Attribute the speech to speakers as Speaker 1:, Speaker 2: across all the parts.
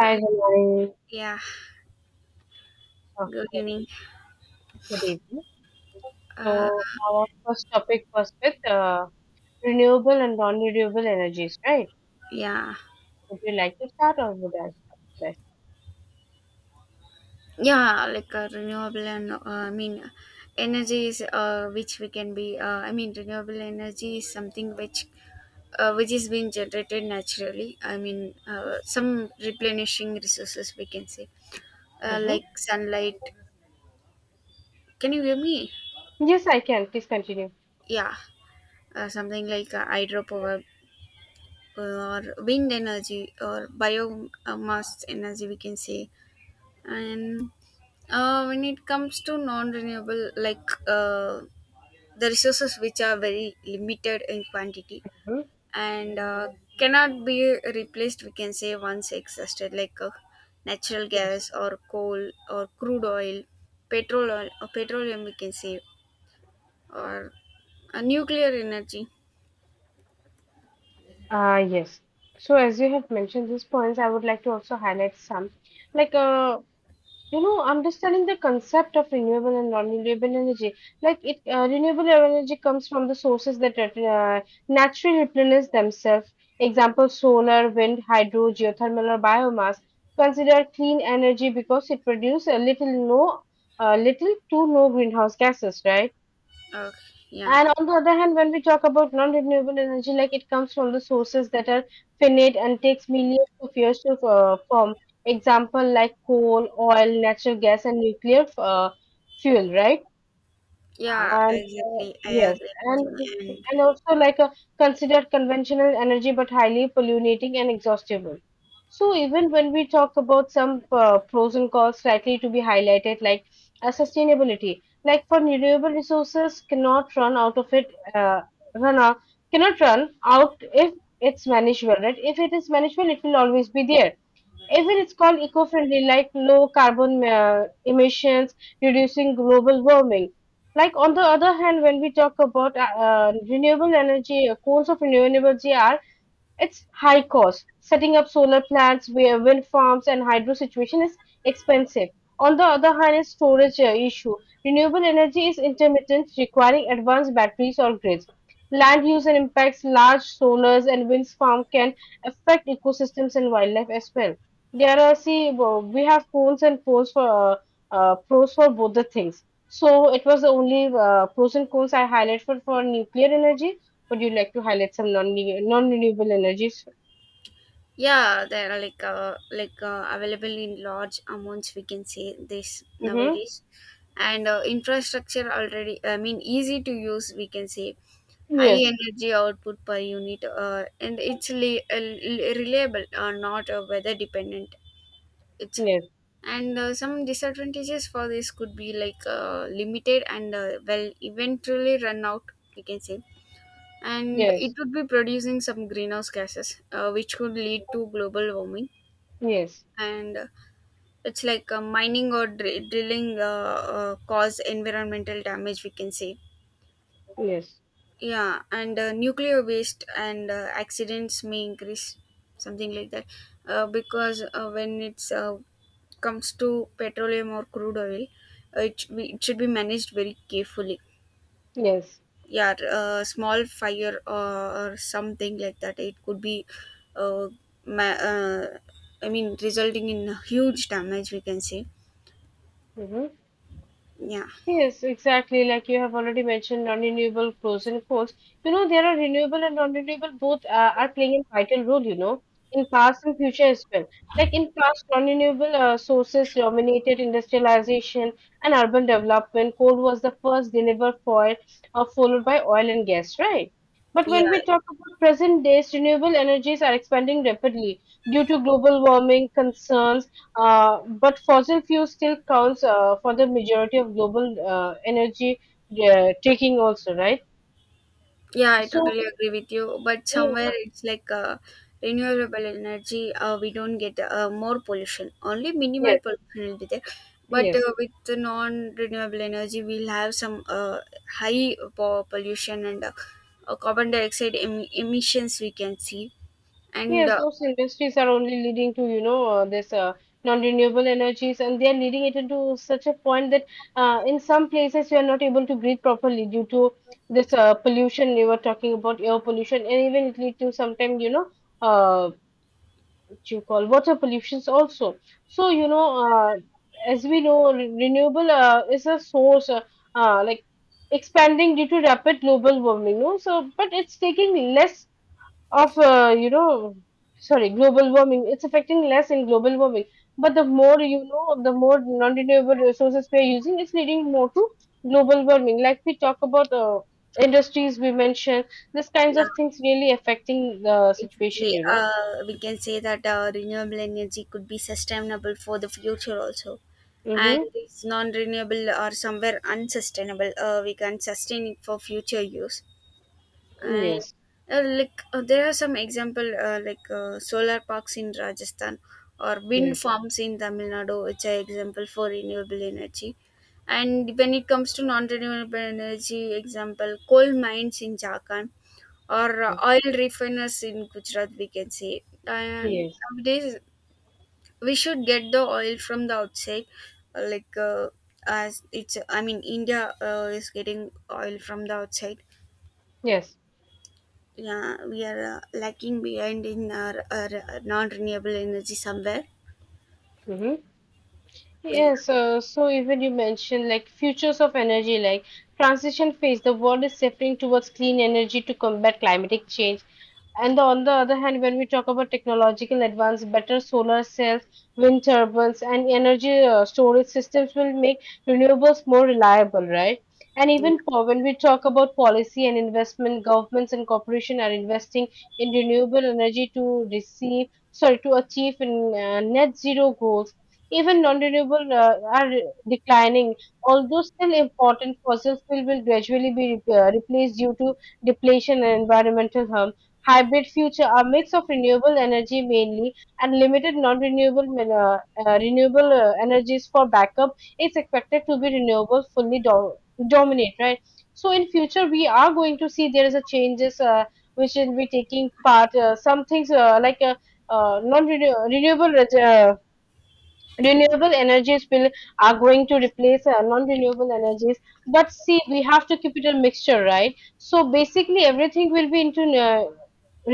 Speaker 1: Hi, Janani.
Speaker 2: Yeah. Good
Speaker 1: Okay,
Speaker 2: evening.
Speaker 1: good evening.
Speaker 2: Uh,
Speaker 1: So our first topic was with renewable and non-renewable energies, right?
Speaker 2: yeah.
Speaker 1: Would you like to start or would I start?
Speaker 2: Yeah, like renewable and I mean, energy is which we can be. I mean, renewable energy is something which is being generated naturally. I mean, some replenishing resources we can say,
Speaker 1: Mm-hmm.
Speaker 2: like sunlight. Can you hear me?
Speaker 1: Yes, I can. Please continue.
Speaker 2: Yeah, something like hydropower or wind energy or biomass energy we can say, and when it comes to non-renewable, like the resources which are very limited in quantity,
Speaker 1: Hmm.
Speaker 2: and cannot be replaced we can say once exhausted, like natural
Speaker 1: Yes.
Speaker 2: gas or coal or crude oil, petrol oil or petroleum we can say, or nuclear energy.
Speaker 1: Yes. So as you have mentioned these points, I would like to also highlight some. Like uh, you know, understanding the concept of renewable and non-renewable energy, like it renewable energy comes from the sources that uh, naturally replenish themselves, example solar, wind, hydro, geothermal, or biomass, considered clean energy because it produces a little no little to no greenhouse gases, right?
Speaker 2: uh, yeah,
Speaker 1: And on the other hand, when we talk about non-renewable energy, like it comes from the sources that are finite and takes millions of years to form. Example like coal, oil, natural gas, and nuclear fuel, right?
Speaker 2: yeah,
Speaker 1: And
Speaker 2: exactly, I
Speaker 1: Yes,
Speaker 2: agree
Speaker 1: and
Speaker 2: with you.
Speaker 1: also like a considered conventional energy, but highly polluting and exhaustible. So even when we talk about some pros and cons likely to be highlighted, like sustainability, like for renewable resources, cannot run out of it, uh, run out, cannot run out if it's managed well, right? If it is managed well, it will always be there, even it's called eco-friendly, like low carbon emissions, reducing global warming. Like on the other hand, when we talk about renewable energy, coals of renewable energy are, it's high cost. Setting up solar plants, wind farms, and hydro situation is expensive. On the other hand, is storage issue. Renewable energy is intermittent, requiring advanced batteries or grids. Land use and impacts, large solars and wind farm can affect ecosystems and wildlife as well. There are, see, we have cons and pros for pros for both the things. So it was the only pros and cons I highlighted for nuclear energy. Would you like to highlight some non-renewable energies?
Speaker 2: Yeah, they are like available in large amounts. We can say this
Speaker 1: Mm-hmm.
Speaker 2: nowadays, and infrastructure already. I mean, easy to use. We can say high
Speaker 1: Yes,
Speaker 2: energy output per unit, and it's reliable, not weather dependent. It's
Speaker 1: yes,
Speaker 2: and Some disadvantages for this could be like limited and well, eventually run out. We can say. And
Speaker 1: yes,
Speaker 2: it would be producing some greenhouse gases, which could lead to global warming,
Speaker 1: yes,
Speaker 2: and it's like drilling cause environmental damage we can say.
Speaker 1: yes,
Speaker 2: Yeah, and nuclear waste and accidents may increase, something like that. Because when it's comes to petroleum or crude oil, it should be managed very carefully.
Speaker 1: yes.
Speaker 2: Yeah, small fire or something like that, it could be, uh, ma- uh, I mean, resulting in huge damage we can say.
Speaker 1: Mm-hmm.
Speaker 2: Yeah.
Speaker 1: Yes, exactly. Like you have already mentioned, non-renewable pros and cons. You know, there are renewable and non-renewable both are playing a vital role, you know, in past and future as well. Like in past, non-renewable sources dominated industrialization and urban development. Coal was the first delivered fuel, followed by oil and gas, right? But
Speaker 2: Yeah,
Speaker 1: when we talk about present days, renewable energies are expanding rapidly due to global warming concerns, but fossil fuel still counts for the majority of global energy taking also, right?
Speaker 2: yeah, I
Speaker 1: So,
Speaker 2: totally agree with you. But somewhere
Speaker 1: yeah,
Speaker 2: it's like, renewable energy, we don't get more pollution. Only minimal
Speaker 1: yes,
Speaker 2: pollution will be there. But
Speaker 1: yes,
Speaker 2: with the non-renewable energy, we'll have some high pollution and carbon dioxide emissions we can see. And
Speaker 1: yes,
Speaker 2: uh,
Speaker 1: those industries are only leading to, you know, this non-renewable energies, and they are leading it into such a point that in some places you are not able to breathe properly due to this pollution you were talking about, air pollution, and even it lead to sometimes, you know, uh, what you call water pollutions also. So you know, as we know, renewable is a source like expanding due to rapid global warming. No, so but it's taking less of you know, sorry, global warming. It's affecting less in global warming. But the more you know, the more non-renewable resources we are using, it's leading more to global warming. Like we talk about industries, we mentioned these kinds
Speaker 2: yeah,
Speaker 1: of things really affecting the situation,
Speaker 2: Exactly.
Speaker 1: you know.
Speaker 2: We can say that renewable energy could be sustainable for the future also. And
Speaker 1: Mm-hmm.
Speaker 2: it's non-renewable or somewhere unsustainable. We can sustain it for future use. And
Speaker 1: Yes.
Speaker 2: like there are some example, like solar parks in Rajasthan or wind
Speaker 1: Yes.
Speaker 2: farms in Tamil Nadu, which are example for renewable energy. And when it comes to non-renewable energy, example coal mines in Jharkhand or oil refiners in Gujarat, we can say. And
Speaker 1: Yes.
Speaker 2: nowadays, we should get the oil from the outside, uh, like uh, as it's. I mean, India is getting oil from the outside.
Speaker 1: Yes.
Speaker 2: Yeah, we are lacking behind in our non-renewable energy somewhere.
Speaker 1: Mm-hmm.
Speaker 2: Yeah.
Speaker 1: Yes, so even you mentioned like futures of energy, like transition phase, the world is shifting towards clean energy to combat climatic change. And on the other hand, when we talk about technological advance, better solar cells, wind turbines, and energy storage systems will make renewables more reliable, right? And even for when we talk about policy and investment, governments and corporations are investing in renewable energy to receive, sorry, to achieve in, net zero goals, even non-renewable are declining, although still important. Fossil fuel will gradually be replaced due to depletion and environmental harm. Hybrid future, a mix of renewable energy mainly and limited non-renewable renewable energies for backup is expected to be renewable, fully dominate, right? So in future we are going to see there is a changes, which will be taking part, some things, non renewable, uh, renewable energies will, are going to replace non-renewable energies. But see, we have to keep it a mixture, right? So basically everything will be into uh,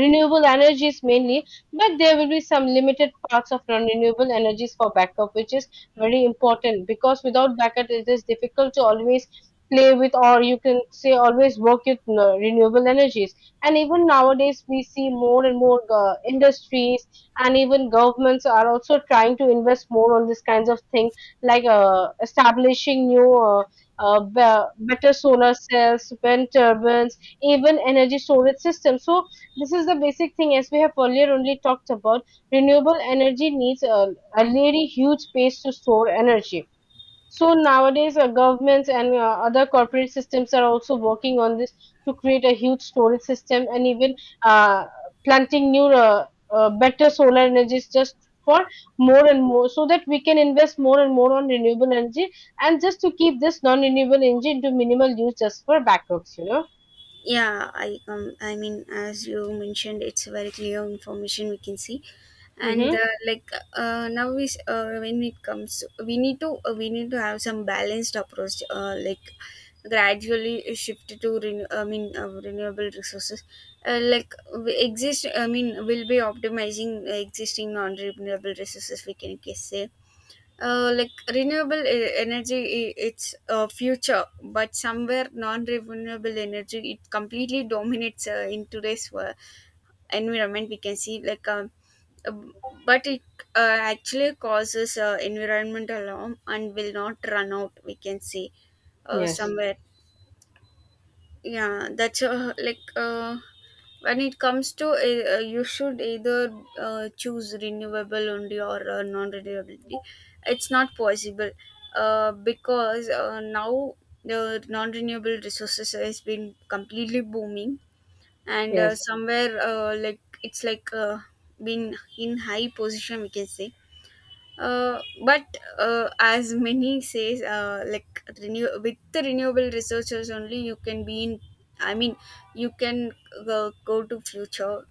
Speaker 1: renewable energies mainly, but there will be some limited parts of non-renewable energies for backup, which is very important because without backup it is difficult to always play with, or you can say always work with renewable energies. And even nowadays we see more and more industries and even governments are also trying to invest more on this kinds of thing, like establishing new better solar cells, wind turbines, even energy storage systems. So this is the basic thing, as we have earlier only talked about, renewable energy needs a really huge space to store energy. So nowadays, governments and other corporate systems are also working on this to create a huge storage system, and even uh, planting new, better solar energies just for more and more, so that we can invest more and more on renewable energy and just to keep this non-renewable energy into minimal use just for backups, you know.
Speaker 2: Yeah, I mean, as you mentioned, it's very clear information we can see. And
Speaker 1: Mm-hmm.
Speaker 2: like now when it comes, we need to, we need to have some balanced approach, like gradually shift to renewable resources, like we exist I mean we'll be optimizing existing non-renewable resources we can guess say. Like renewable energy, it's a future, but somewhere non-renewable energy, it completely dominates in today's world environment we can see, like but it actually causes environment alarm and will not run out we can see,
Speaker 1: Yes,
Speaker 2: somewhere. Yeah, that's when it comes to, you should either choose renewable only or non-renewability, it's not possible. Because now the non-renewable resources has been completely booming, and
Speaker 1: yes,
Speaker 2: somewhere, like it's like been in high position we can say. But as many says, like renew, with the renewable resources only, you can be in. I mean, you can go to future.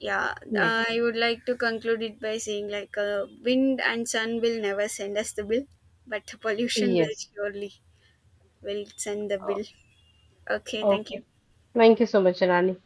Speaker 2: Yeah,
Speaker 1: yes,
Speaker 2: I would like to conclude it by saying like, wind and sun will never send us the bill, but pollution will
Speaker 1: yes.
Speaker 2: surely will send the bill. Okay, thank you.
Speaker 1: Okay. Thank you so much, Rani.